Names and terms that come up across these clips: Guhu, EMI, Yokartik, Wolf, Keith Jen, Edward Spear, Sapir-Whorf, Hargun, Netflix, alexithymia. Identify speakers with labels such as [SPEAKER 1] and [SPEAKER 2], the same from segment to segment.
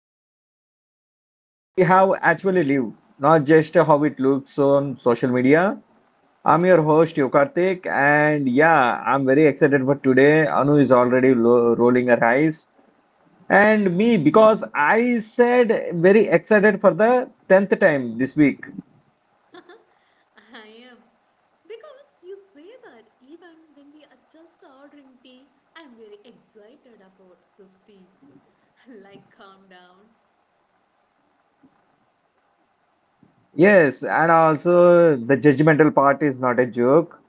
[SPEAKER 1] in. We have actually lived, not just how it looks on social media. I'm your host, Yokartik, and yeah, I'm very excited for today. Anu is already rolling her eyes, and me because I said very excited for the 10th time this week.
[SPEAKER 2] I am. Because you say that even when we are just ordering tea, I'm very excited about this tea. Like, calm down.
[SPEAKER 1] Yes, and also the judgmental part is not a joke.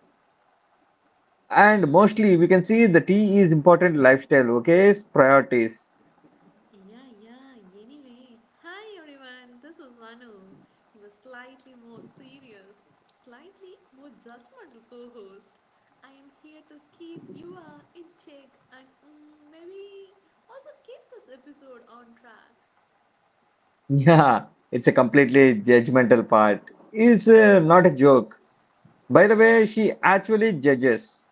[SPEAKER 1] And mostly we can see the tea is important lifestyle, okay? It's priorities.
[SPEAKER 2] Yeah, yeah, anyway. Hi everyone, this is Manu. He was slightly more serious, slightly more judgmental co host. I am here to keep you in check and maybe also keep this episode on track.
[SPEAKER 1] Yeah, it's a completely judgmental part. It's not a joke. By the way, she actually judges.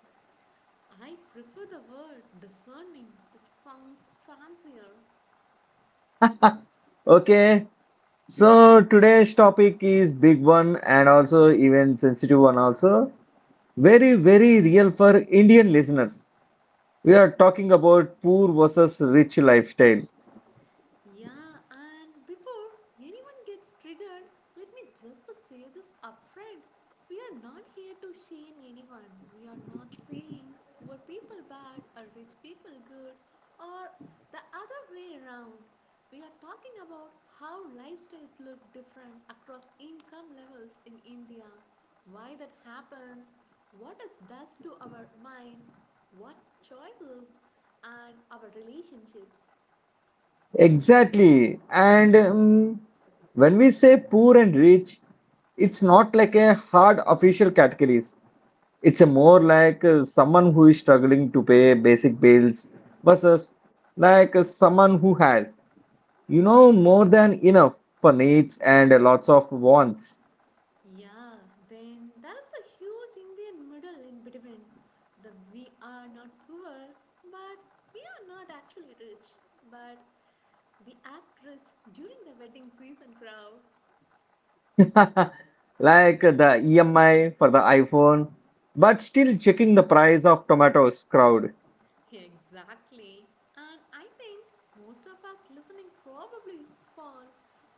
[SPEAKER 2] I prefer the word discerning, it sounds fancier.
[SPEAKER 1] Okay, so today's topic is big one and also even sensitive one also. Very, very real for Indian listeners. We are talking about poor versus rich lifestyle.
[SPEAKER 2] Yeah, and before anyone gets triggered, let me just say this upfront. We are not here to shame anyone. We are not saying poor people bad or rich people good or the other way around. We are talking about how lifestyles look different across income levels in India, why that happens, what it does to our minds, what choices, and our relationships.
[SPEAKER 1] Exactly. And when we say poor and rich, it's not like a hard official categories. It's a more like someone who is struggling to pay basic bills versus like someone who has, more than enough for needs and lots of wants.
[SPEAKER 2] Yeah, then there's the huge Indian middle in between. The we are not poor, but we are not actually rich, but we act rich during the wedding season crowd.
[SPEAKER 1] Like the EMI for the iPhone, but still checking the price of tomatoes crowd.
[SPEAKER 2] Exactly. And I think most of us listening probably fall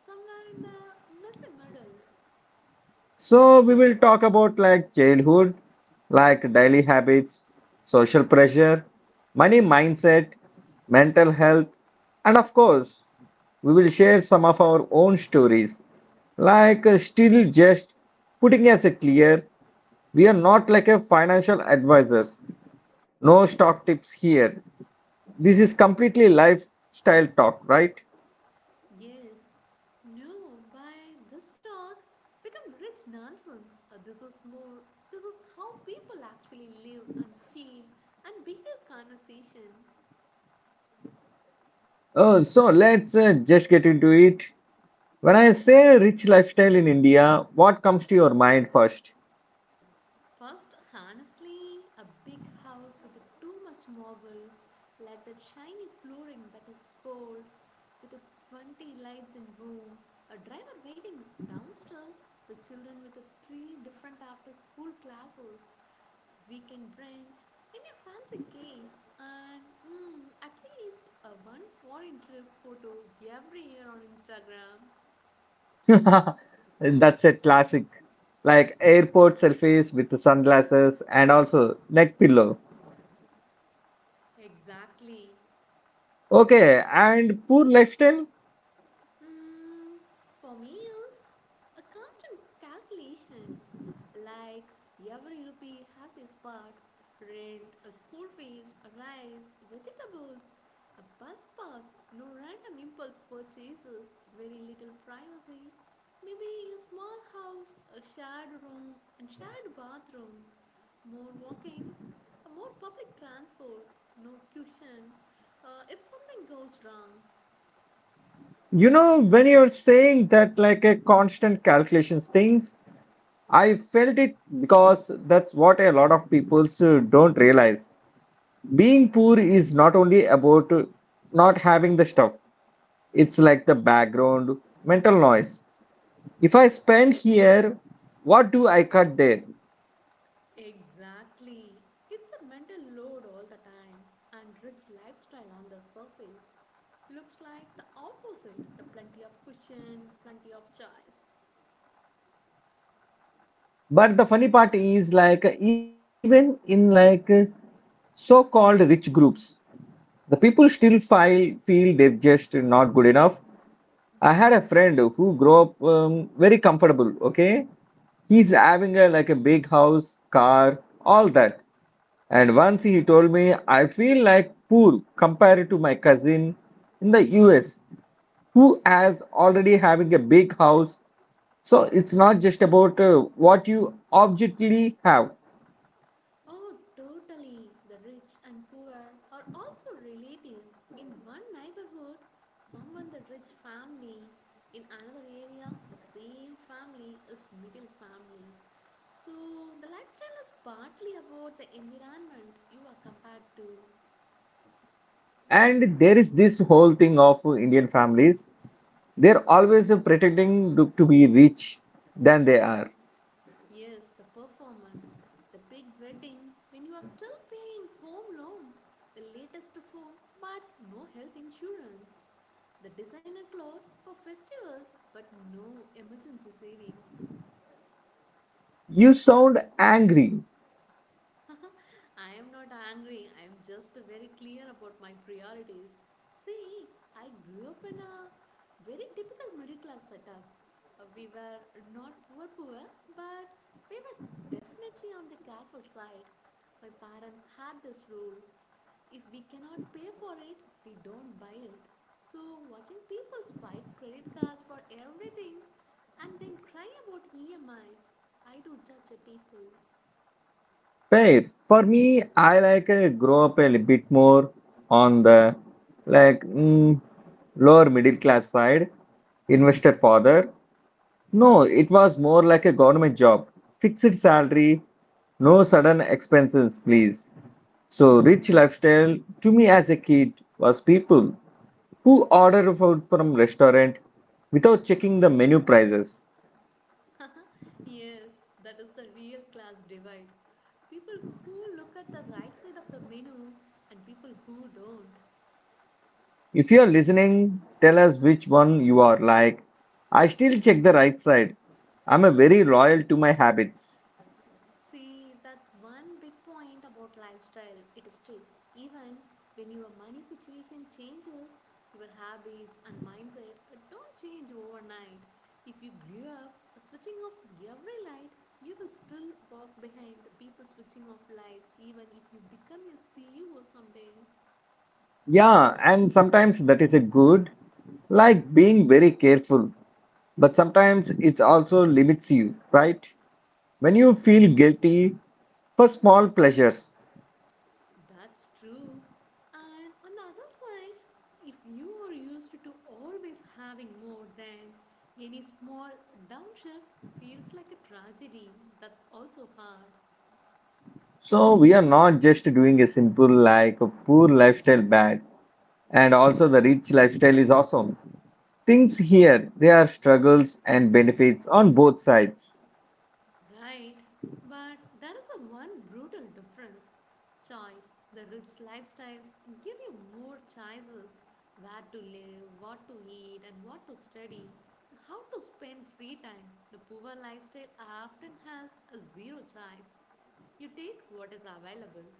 [SPEAKER 2] somewhere in the messy middle.
[SPEAKER 1] So we will talk about like childhood, like daily habits, social pressure, money mindset, mental health, and of course, we will share some of our own stories. Like still just putting as a clear, we are not like a financial advisors. No stock tips here. This is completely lifestyle talk, right?
[SPEAKER 2] Yes. No, by this talk become rich nonsense. This is more this is how people actually live and feel and behave conversation.
[SPEAKER 1] So let's just get into it. When I say rich lifestyle in India, what comes to your mind first?
[SPEAKER 2] First, honestly, a big house with too much marble, like that shiny flooring that is cold, with the 20 lights in room, a driver waiting downstairs, the children with the three different after school classes, weekend brunch, and a fancy cake, and at least a one foreign trip photo every year on Instagram.
[SPEAKER 1] That's a classic. Like airport selfies with the sunglasses and also neck pillow.
[SPEAKER 2] Exactly.
[SPEAKER 1] Okay, and poor lifestyle?
[SPEAKER 2] Hmm, for me, it's a constant calculation. Like every rupee has its part rent, a school fees, a rice, vegetables, a bus pass, no random impulse purchases, very little privacy. Maybe a small house, a shared room, and shared bathroom, more walking, a more public transport, no cushion. If something goes wrong,
[SPEAKER 1] When you're saying that like a constant calculations things, I felt it because that's what a lot of people don't realize. Being poor is not only about not having the stuff, it's like the background mental noise if I spend here, what do I cut there?
[SPEAKER 2] exactly. It's a mental load all the time, and Rick's lifestyle on the surface looks like the opposite the plenty of cushion, plenty of choice.
[SPEAKER 1] But the funny part is like even in like so-called rich groups, the people still file feel they've just not good enough. I had a friend who grew up very comfortable. Okay, he's having like a big house, car, all that. And once he told me, I feel like poor compared to my cousin in the US who has already having a big house. So it's not just about what you objectively have.
[SPEAKER 2] Oh, totally. The rich and poor are also relative. In one neighborhood, someone the rich family, in another area, the same family is middle family. So, the lifestyle is partly about the environment you are compared to.
[SPEAKER 1] And there is this whole thing of Indian families. They're always pretending to be rich than they are.
[SPEAKER 2] Yes, the performance, the big wedding when you are still paying home loan, the latest phone but no health insurance, the designer clothes for festivals but no emergency savings.
[SPEAKER 1] You sound angry.
[SPEAKER 2] I am not angry. I am just very clear about my priorities. See, I grew up in a very typical middle class setup. We were not poor, poor, but we were definitely on the careful side. My parents had this rule if we cannot pay for it, we don't buy it. So, watching people spike credit cards for everything and then cry about EMIs, I do judge a people.
[SPEAKER 1] Fair. For me, I like grow up a little bit more on the like lower middle class side investor father. No, it was more like a government job. Fixed salary, no sudden expenses, please. So, rich lifestyle to me as a kid was people who order food from restaurant without checking the menu prices.
[SPEAKER 2] Yes, that is the real class divide. People who look at the right side of the menu and people who don't.
[SPEAKER 1] If you are listening, tell us which one you are like. I still check the right side. I'm a very loyal to my habits.
[SPEAKER 2] See, that's one big point about lifestyle. It sticks even when your money situation changes, your habits and mindset don't change overnight. If you grew up switching off every light, you will still walk behind the people switching off lights even if you become a CEO someday.
[SPEAKER 1] Yeah, and sometimes that is a good, like being very careful. But sometimes it also limits you, right? When you feel guilty for small pleasures.
[SPEAKER 2] That's true. And on the other side, if you are used to always having more than any small downshift feels like a tragedy, that's also hard,
[SPEAKER 1] So we are not just doing a simple like a poor lifestyle bad and also the rich lifestyle is awesome. Things here, there are struggles and benefits on both sides.
[SPEAKER 2] right? But there is a one brutal difference. Choice. The rich lifestyles give you more choices where to live, what to eat, and what to study, how to spend free time. The poor lifestyle often has a zero choice. You take what is available.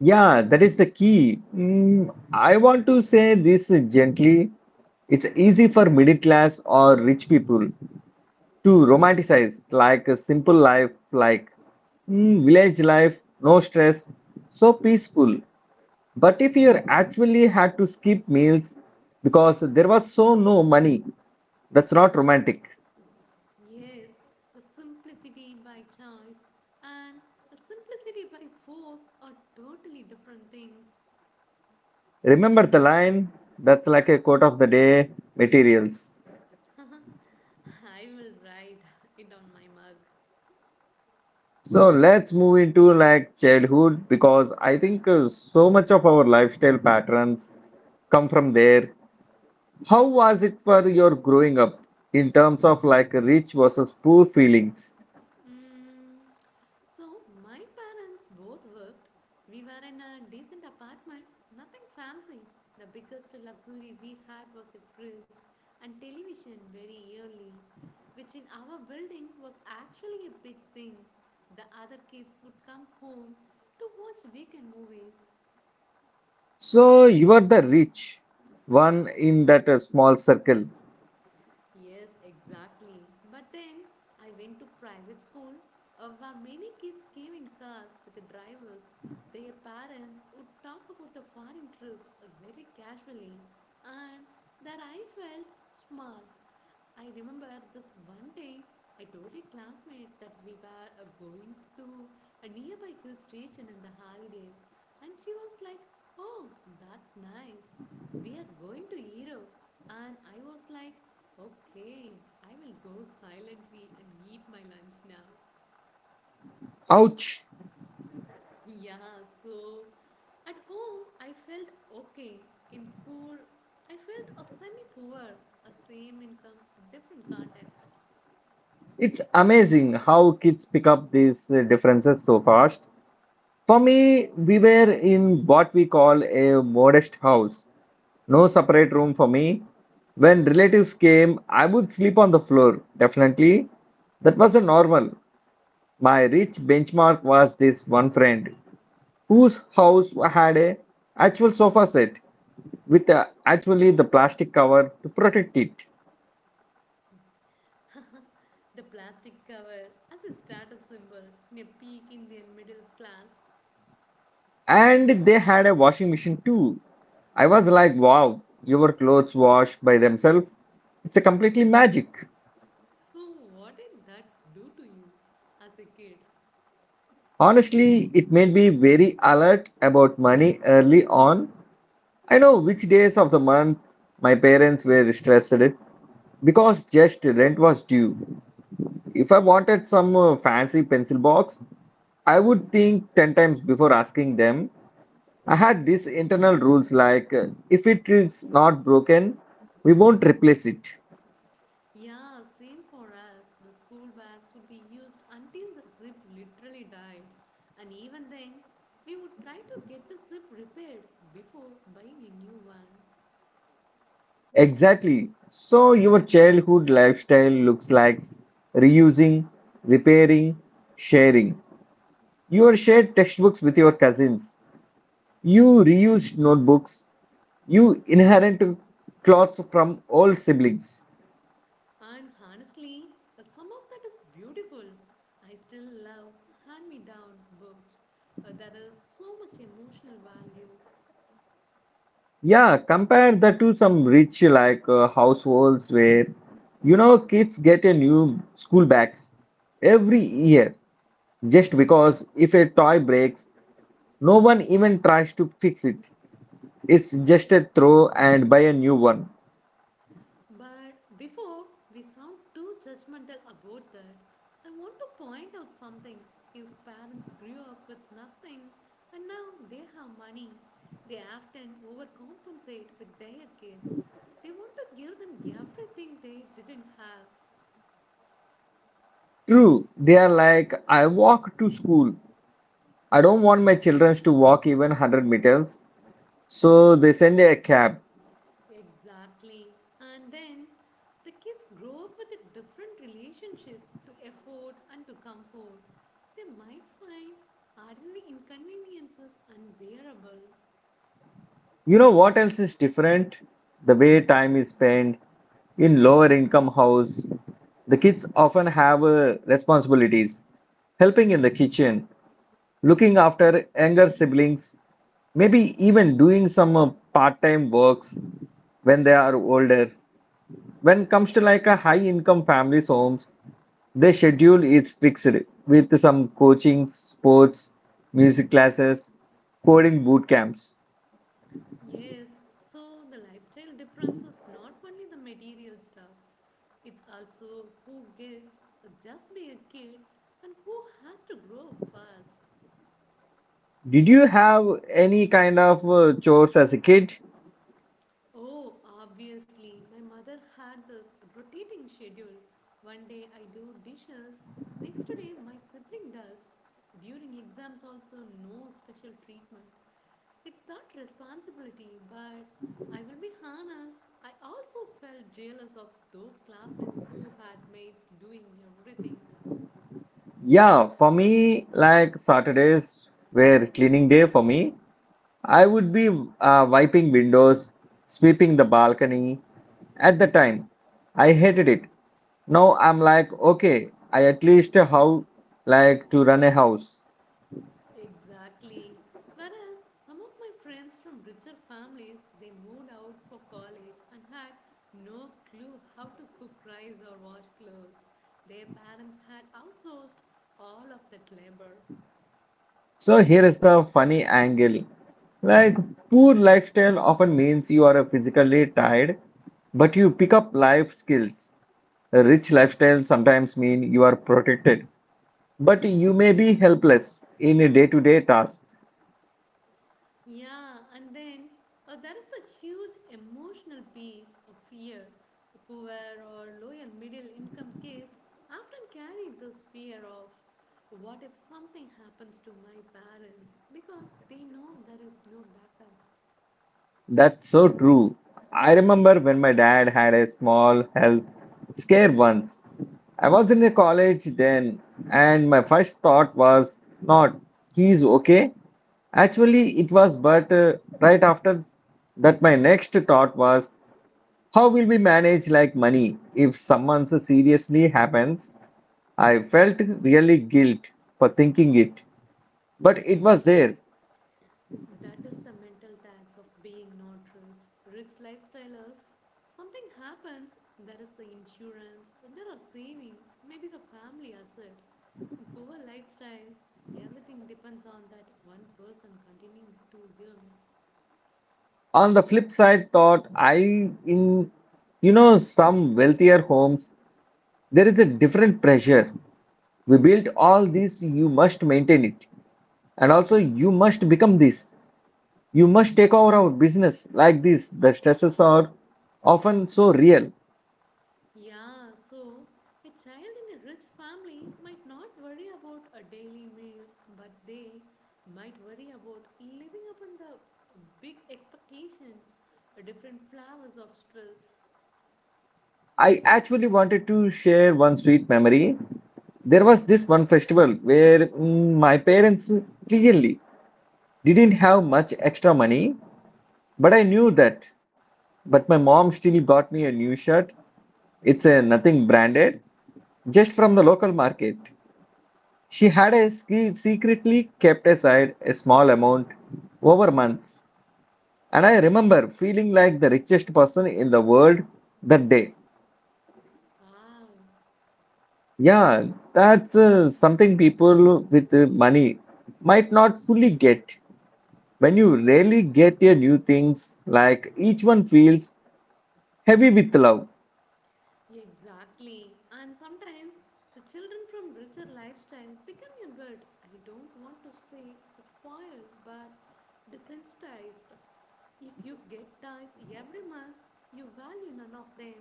[SPEAKER 1] Yeah, that is the key. I want to say this gently. It's easy for middle class or rich people to romanticize like a simple life like village life, no stress, so peaceful. But if you actually had to skip meals because there was so no money, that's not romantic.
[SPEAKER 2] Yes, the simplicity by choice and the simplicity by force are totally different things.
[SPEAKER 1] Remember the line? That's like a quote of the day materials.
[SPEAKER 2] I will write it on my mug.
[SPEAKER 1] So let's move into like childhood because I think so much of our lifestyle patterns come from there. How was it for your growing up in terms of like rich versus poor feelings?
[SPEAKER 2] Mm, so my parents both worked. We were in a decent apartment, nothing fancy. The biggest luxury we had was a fridge and television very early, which in our building was actually a big thing. The other kids would come home to watch weekend movies.
[SPEAKER 1] So you were the rich one in that small circle.
[SPEAKER 2] Yes, exactly. But then I went to private school where many kids came in cars with the drivers. Their parents would talk about the foreign trips very casually, and that I felt small. I remember this one day I told a classmate that we were going to a nearby hill station in the holidays, and she was like, "Oh, that's nice. We are going to Europe." And I was like, "Okay, I will go silently and eat my lunch now."
[SPEAKER 1] Ouch.
[SPEAKER 2] Yeah, so at home I felt okay. In school I felt a semi poor, a same income, a different context.
[SPEAKER 1] It's amazing how kids pick up these differences so fast. For me, we were in what we call a modest house. No separate room for me. When relatives came, I would sleep on the floor, definitely. That was a normal. My rich benchmark was this one friend whose house had a actual sofa set with actually the plastic cover to protect it.
[SPEAKER 2] The plastic cover as a status symbol in a peak Indian middle class.
[SPEAKER 1] And they had a washing machine too. I was like, wow, your clothes wash by themselves. It's a completely magic.
[SPEAKER 2] So what did that do to you as a kid?
[SPEAKER 1] Honestly, it made me very alert about money early on. I know which days of the month my parents were stressed because just rent was due. If I wanted some fancy pencil box, I would think 10 times before asking them. I had these internal rules like if it is not broken, we won't replace it.
[SPEAKER 2] Yeah, same for us. The school bags would be used until the zip literally died. And even then, we would try to get the zip repaired before buying a new one.
[SPEAKER 1] Exactly. So your childhood lifestyle looks like reusing, repairing, sharing. You shared textbooks with your cousins. You reused notebooks. You inherit clothes from old siblings.
[SPEAKER 2] And honestly, some of that is beautiful. I still love hand me down books. There is so much emotional value.
[SPEAKER 1] Yeah, compare that to some rich like households where kids get a new school bags every year just because if a toy breaks, no one even tries to fix it. It's just a throw and buy a new one.
[SPEAKER 2] But before we sound too judgmental about that, I want to point out something. If parents grew up with nothing and now they have money, they often overcompensate with their kids. They want to give them everything they didn't have.
[SPEAKER 1] True, they are like, I walk to school. I don't want my children to walk even 100 meters, so they send a cab.
[SPEAKER 2] Exactly. And then the kids grow up with a different relationship to effort and to comfort. They might find ordinary inconveniences unbearable.
[SPEAKER 1] You know what else is different? The way time is spent in lower income house. The kids often have responsibilities, helping in the kitchen, looking after younger siblings, maybe even doing some part-time works when they are older. When it comes to like a high income families homes, their schedule is fixed with some coaching sports, music classes, coding boot camps.
[SPEAKER 2] Yes, so the lifestyle difference is not only the material stuff, it's also who gets just be a kid and who has to grow up fast.
[SPEAKER 1] Did you have any kind of chores as a kid?
[SPEAKER 2] Oh, obviously, my mother had this rotating schedule. One day I do dishes, next day my sibling does. During exams, also, no special treatment. It's not responsibility, but I will be honest, I also felt jealous of those classmates who had mates doing everything.
[SPEAKER 1] Yeah, for me, like Saturdays were cleaning day for me. I would be wiping windows, sweeping the balcony. At the time I hated it. Now I'm like, okay, I at least how like to run a house.
[SPEAKER 2] Exactly. Whereas some of my friends from richer families, they moved out for college and had no clue how to cook rice or wash clothes. Their parents had outsourced all of that labor.
[SPEAKER 1] So here is the funny angle. Like poor lifestyle often means you are physically tired, but you pick up life skills. A rich lifestyle sometimes mean you are protected, but you may be helpless in day-to-day tasks.
[SPEAKER 2] Yeah, and then there is the huge emotional piece of fear. Poor or low and middle income kids often carry this fear of what if something happens to my parents because they know there is no backup.
[SPEAKER 1] That's so true. I remember when my dad had a small health scare once. I was in a college then, and my first thought was not, he's okay. Actually, it was, but right after that, my next thought was, how will we manage like money if someone so seriously happens? I felt really guilt for thinking it, but it was there.
[SPEAKER 2] That is the mental tax of being not rich. Rich lifestyle of something happens, there is the insurance, there are savings, maybe the family asset. In poor lifestyle. Everything depends on that one person continuing to earn.
[SPEAKER 1] On the flip side, thought I, in some wealthier homes, there is a different pressure. We built all this, you must maintain it, and also you must become this. You must take over our business like this. The stresses are often so real.
[SPEAKER 2] Yeah, so a child in a rich family might not worry about a daily meals, but they might worry about living up in the big expectation, a different flavors of stress.
[SPEAKER 1] I actually wanted to share one sweet memory. There was this one festival where my parents clearly didn't have much extra money, but I knew that. But my mom still got me a new shirt. It's a nothing branded, just from the local market. She had a secretly kept aside a small amount over months. And I remember feeling like the richest person in the world that day.
[SPEAKER 2] Wow,
[SPEAKER 1] Yeah, that's something people with money might not fully get. When you rarely get your new things, like each one feels heavy with love.
[SPEAKER 2] exactly. And sometimes the children from richer lifestyle become a bit, I don't want to say spoiled, but desensitized. If you get ties every month, you value none of them.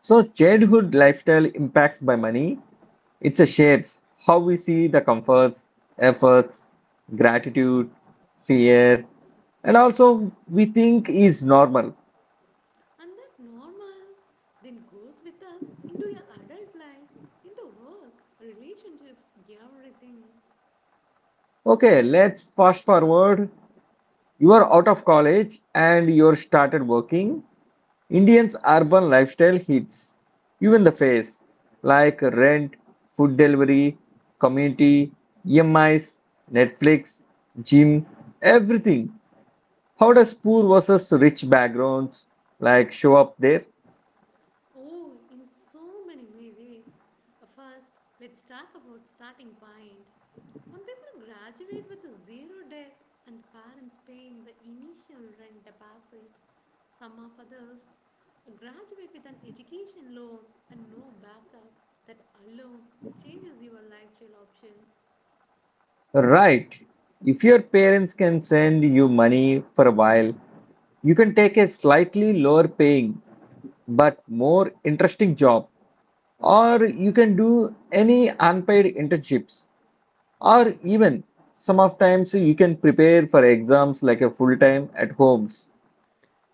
[SPEAKER 1] So, childhood lifestyle impacts by money. It shapes how we see the comforts, efforts, gratitude, fear, and also we think is normal.
[SPEAKER 2] And that normal then goes with us into your adult life, into work, relationships, everything.
[SPEAKER 1] Okay, let's fast forward. You are out of college and you're started working. Indians' urban lifestyle hits you in the face, like rent, food delivery, community, EMIs, Netflix, gym, everything. How does poor versus rich backgrounds like show up there?
[SPEAKER 2] Oh, in so many ways. First, let's talk about starting point. Some people graduate with a zero debt and parents paying the initial rent deposit. Some of others graduate with an education loan and no backup that alone changes your lifestyle options.
[SPEAKER 1] Right. If your parents can send you money for a while, you can take a slightly lower paying but more interesting job, or you can do any unpaid internships, or even some of times you can prepare for exams like a full time at homes.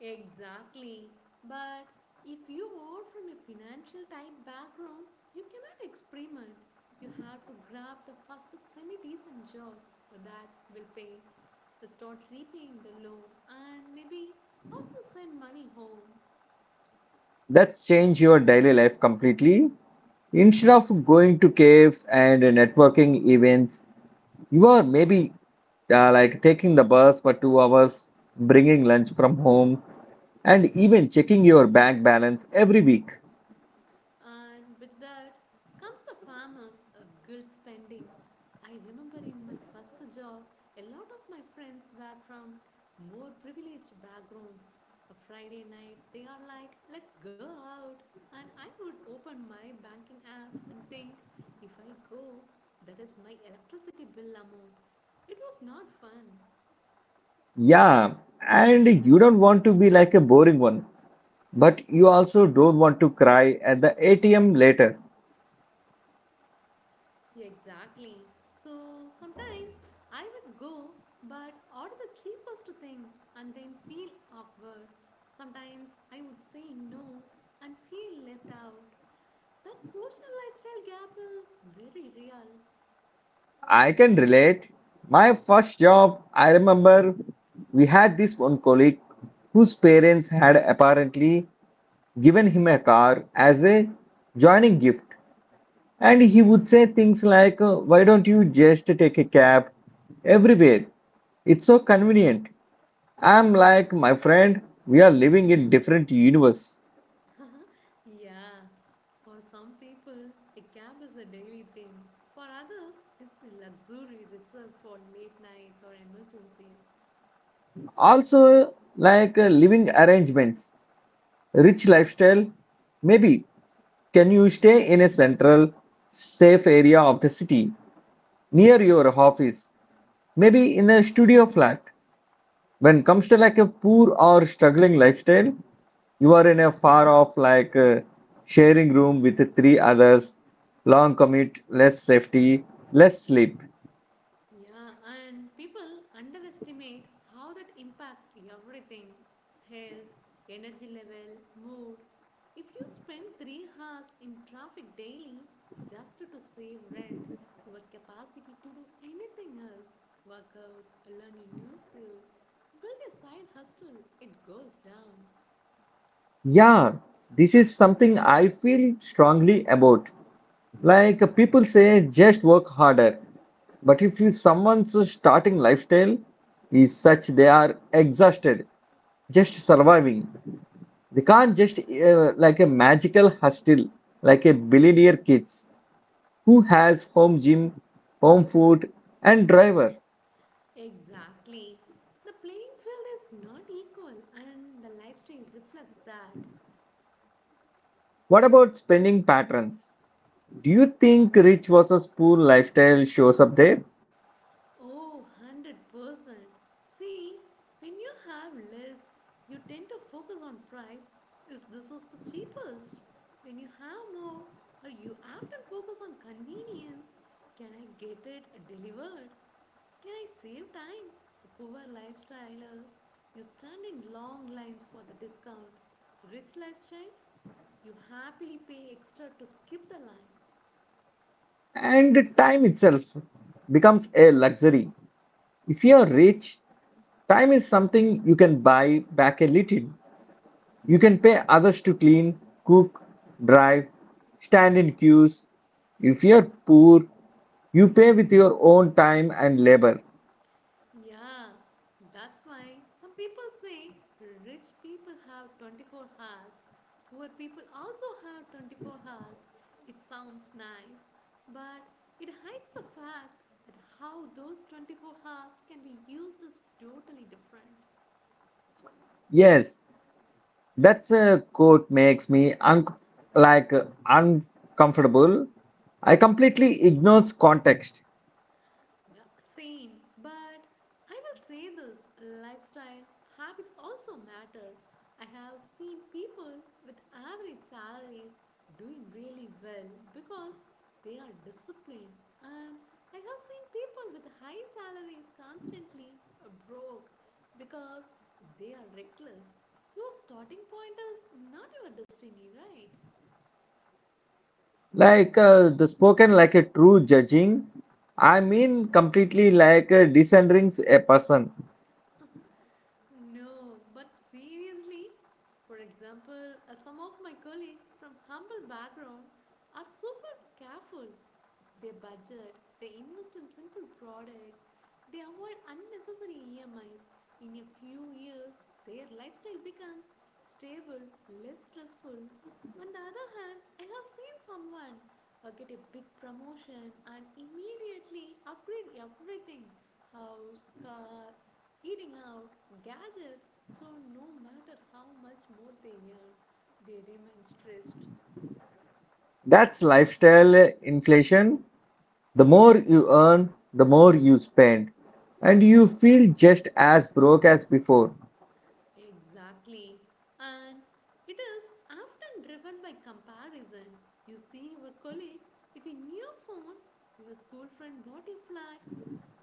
[SPEAKER 2] Exactly. But if you are from a financial type background, you cannot experiment. You have to grab the first semi decent job that will pay. Start repaying the loan and maybe also send money home.
[SPEAKER 1] That's change your daily life completely. Instead of going to caves and networking events, you are maybe like taking the bus for 2 hours, bringing lunch from home, and even checking your bank balance every week.
[SPEAKER 2] And with that comes the farmer's guilt spending. I remember in my first job, a lot of my friends were from more privileged backgrounds. A Friday night, they are like, let's go out. And I would open my banking app and think, if I go, that is my electricity bill amount. It was not fun.
[SPEAKER 1] Yeah, and you don't want to be like a boring one, but you also don't want to cry at the ATM later.
[SPEAKER 2] Yeah, exactly. So sometimes I would go but order the cheapest thing and then feel awkward. Sometimes I would say no and feel left out. That social lifestyle gap is very real.
[SPEAKER 1] I can relate. My first job, I remember we had this one colleague whose parents had apparently given him a car as a joining gift. And he would say things like, why don't you just take a cab everywhere? It's so convenient. I'm like, my friend, we are living in different universe.
[SPEAKER 2] Yeah, for some people, a cab is a daily thing. For others, it's a luxury reserved for late nights or emergencies.
[SPEAKER 1] Also, like living arrangements, rich lifestyle. Maybe can you stay in a central, safe area of the city near your office? Maybe in a studio flat. When it comes to like a poor or struggling lifestyle, you are in a far off like sharing room with three others, long commute, less safety, less sleep.
[SPEAKER 2] Yeah, and people underestimate how that impacts everything health, energy level, mood. If you spend 3 hours in traffic daily just to save rent, your capacity to do anything else work out, learn a new skill, build a side hustle it goes down.
[SPEAKER 1] Yeah, this is something I feel strongly about. Like people say, just work harder. But if you someone's starting lifestyle is such they are exhausted, just surviving. They can't just like a magical hustle, like a billionaire kids who has home gym, home food, and driver.
[SPEAKER 2] Exactly. The playing field is not equal, and the lifestyle reflects that.
[SPEAKER 1] What about spending patterns? Do you think rich versus poor lifestyle shows up there?
[SPEAKER 2] Oh, 100%. See, when you have less, you tend to focus on price is this is the cheapest. When you have more, or you often focus on convenience. Can I get it delivered? Can I save time? The poor lifestylers, you stand in long lines for the discount. Rich lifestyle, you happily pay extra to skip the line.
[SPEAKER 1] And time itself becomes a luxury. If you are rich, time is something you can buy back a little. You can pay others to clean, cook, drive, stand in queues. If you are poor, you pay with your own time and labor.
[SPEAKER 2] Yeah, that's why some people say rich people have 24 hours, poor people also have 24 hours. It sounds nice, but it hides the fact that how those 24 hours can be used is totally different.
[SPEAKER 1] Yes, that's a quote makes me like uncomfortable. I completely ignores context.
[SPEAKER 2] Yeah, same. But I will say this lifestyle habits also matter. I have seen people with average salaries doing really well because they are disciplined, and I have seen people with high salaries constantly broke because they are reckless. Your starting point is not your destiny, right?
[SPEAKER 1] Like the spoken like a true judging. I mean completely like descending a person.
[SPEAKER 2] No, but seriously, for example, some of my colleagues from humble background are super careful they budget, they invest in simple products, they avoid unnecessary EMIs. In a few years, their lifestyle becomes stable, less stressful. On the other hand, I have seen someone get a big promotion and immediately upgrade everything house, car, eating out, gadgets so no matter how much more they earn, they remain stressed.
[SPEAKER 1] That's lifestyle inflation. The more you earn, the more you spend, and you feel just as broke as before.
[SPEAKER 2] Exactly. And it is often driven by comparison. You see your colleague with a new phone, your school friend bought a flat,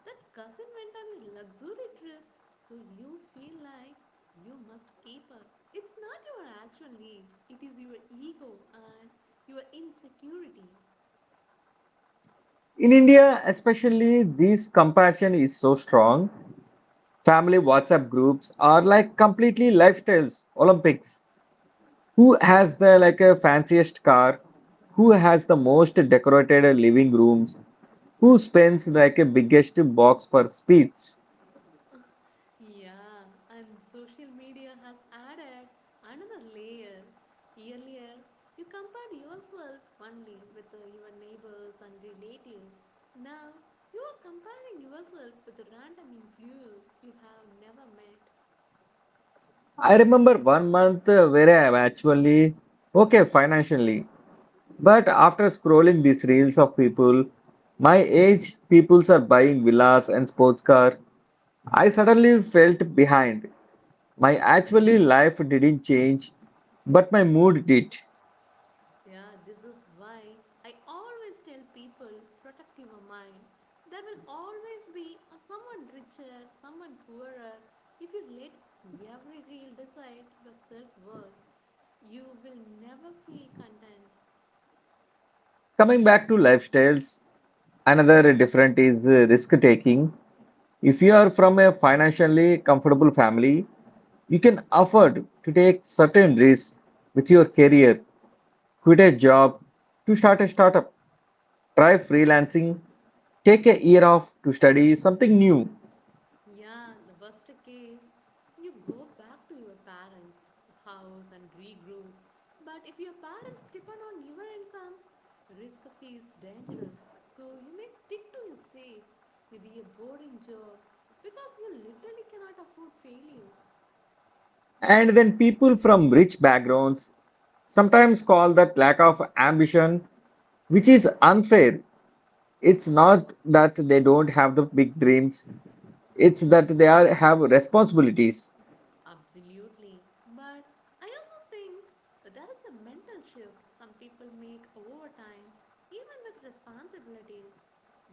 [SPEAKER 2] that cousin went on a luxury trip, so you feel like you must keep up. It's not your actual needs, it is your ego and your insecurity.
[SPEAKER 1] In India, especially, this compassion is so strong. Family WhatsApp groups are like completely lifestyles Olympics. Who has the like a fanciest car? Who has the most decorated living rooms? Who spends like a biggest box for speeds?
[SPEAKER 2] Yeah, and social media has added another layer. Earlier, you compared yourself only with your neighbors and relatives. Now, you are comparing yourself with a random influence you have never met.
[SPEAKER 1] I remember one month where I am actually okay financially, but after scrolling these reels of people, my age peoples are buying villas and sports car. I suddenly felt behind. My actually life didn't change, but my mood did.
[SPEAKER 2] Yeah, this is why I always tell people protect your mind. There will always be a someone richer, someone poorer if you let every reel decide your self worth. You will never feel content.
[SPEAKER 1] Coming back to lifestyles, another different is risk taking. If you are from a financially comfortable family, you can afford to take certain risks with your career, quit a job to start a startup, try freelancing, take a year off to study something new.
[SPEAKER 2] Yeah, the worst case, you go back to your parents' house and regroup. But if your parents depend on your income, risk feels dangerous. So you may stick to your safe, maybe a boring job, because you literally cannot afford failure.
[SPEAKER 1] And then people from rich backgrounds sometimes call that lack of ambition, which is unfair. It's not that they don't have the big dreams, it's that they are have responsibilities.
[SPEAKER 2] Absolutely. But I also think there is a mental shift some people make over time, even with responsibilities.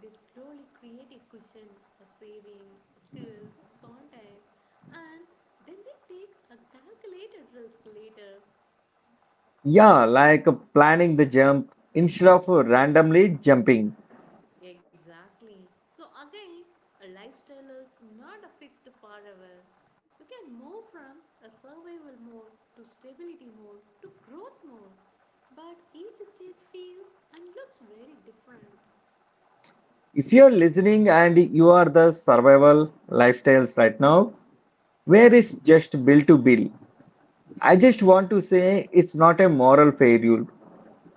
[SPEAKER 2] They slowly create a cushion, a savings, skills, contacts, and then they take a calculated risk later.
[SPEAKER 1] Yeah, like planning the jump instead of randomly jumping.
[SPEAKER 2] Exactly. So again, a lifestyle is not a fixed forever. You can move from a survival mode to stability mode to growth mode. But each stage feels and looks very different.
[SPEAKER 1] If you're listening and you are the survival lifestyles right now, where is just build to build? I just want to say it's not a moral failure.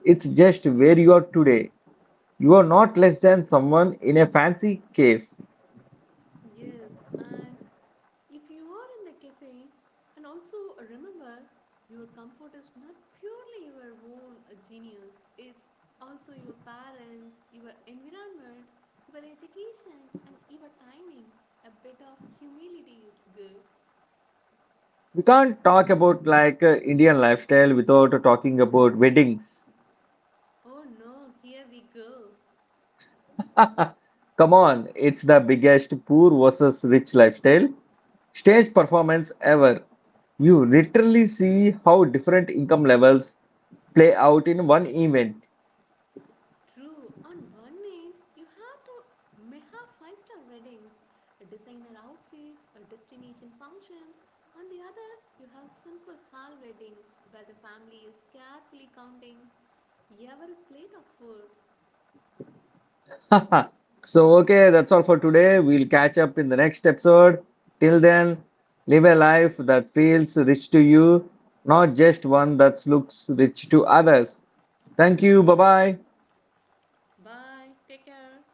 [SPEAKER 1] It's just where you are today. You are not less than someone in a fancy cave.
[SPEAKER 2] Yes, and if you are in the cafe, and also remember, your comfort is not purely your own genius, it's also your parents, your environment, your education, and your timing. A bit of humility is good.
[SPEAKER 1] We can't talk about like Indian lifestyle without talking about weddings.
[SPEAKER 2] Oh no, here we go.
[SPEAKER 1] Come on, it's the biggest poor versus rich lifestyle stage performance ever. You literally see how different income levels play out in one event.
[SPEAKER 2] True. On one end, you have to may have five-star ratings, designer outfits, or destination functions. On the other, you have simple hall weddings where the family is carefully counting every plate of food.
[SPEAKER 1] So, okay, that's all for today. We'll catch up in the next episode. Till then, live a life that feels rich to you, not just one that looks rich to others. Thank you. Bye bye.
[SPEAKER 2] Bye. Take care.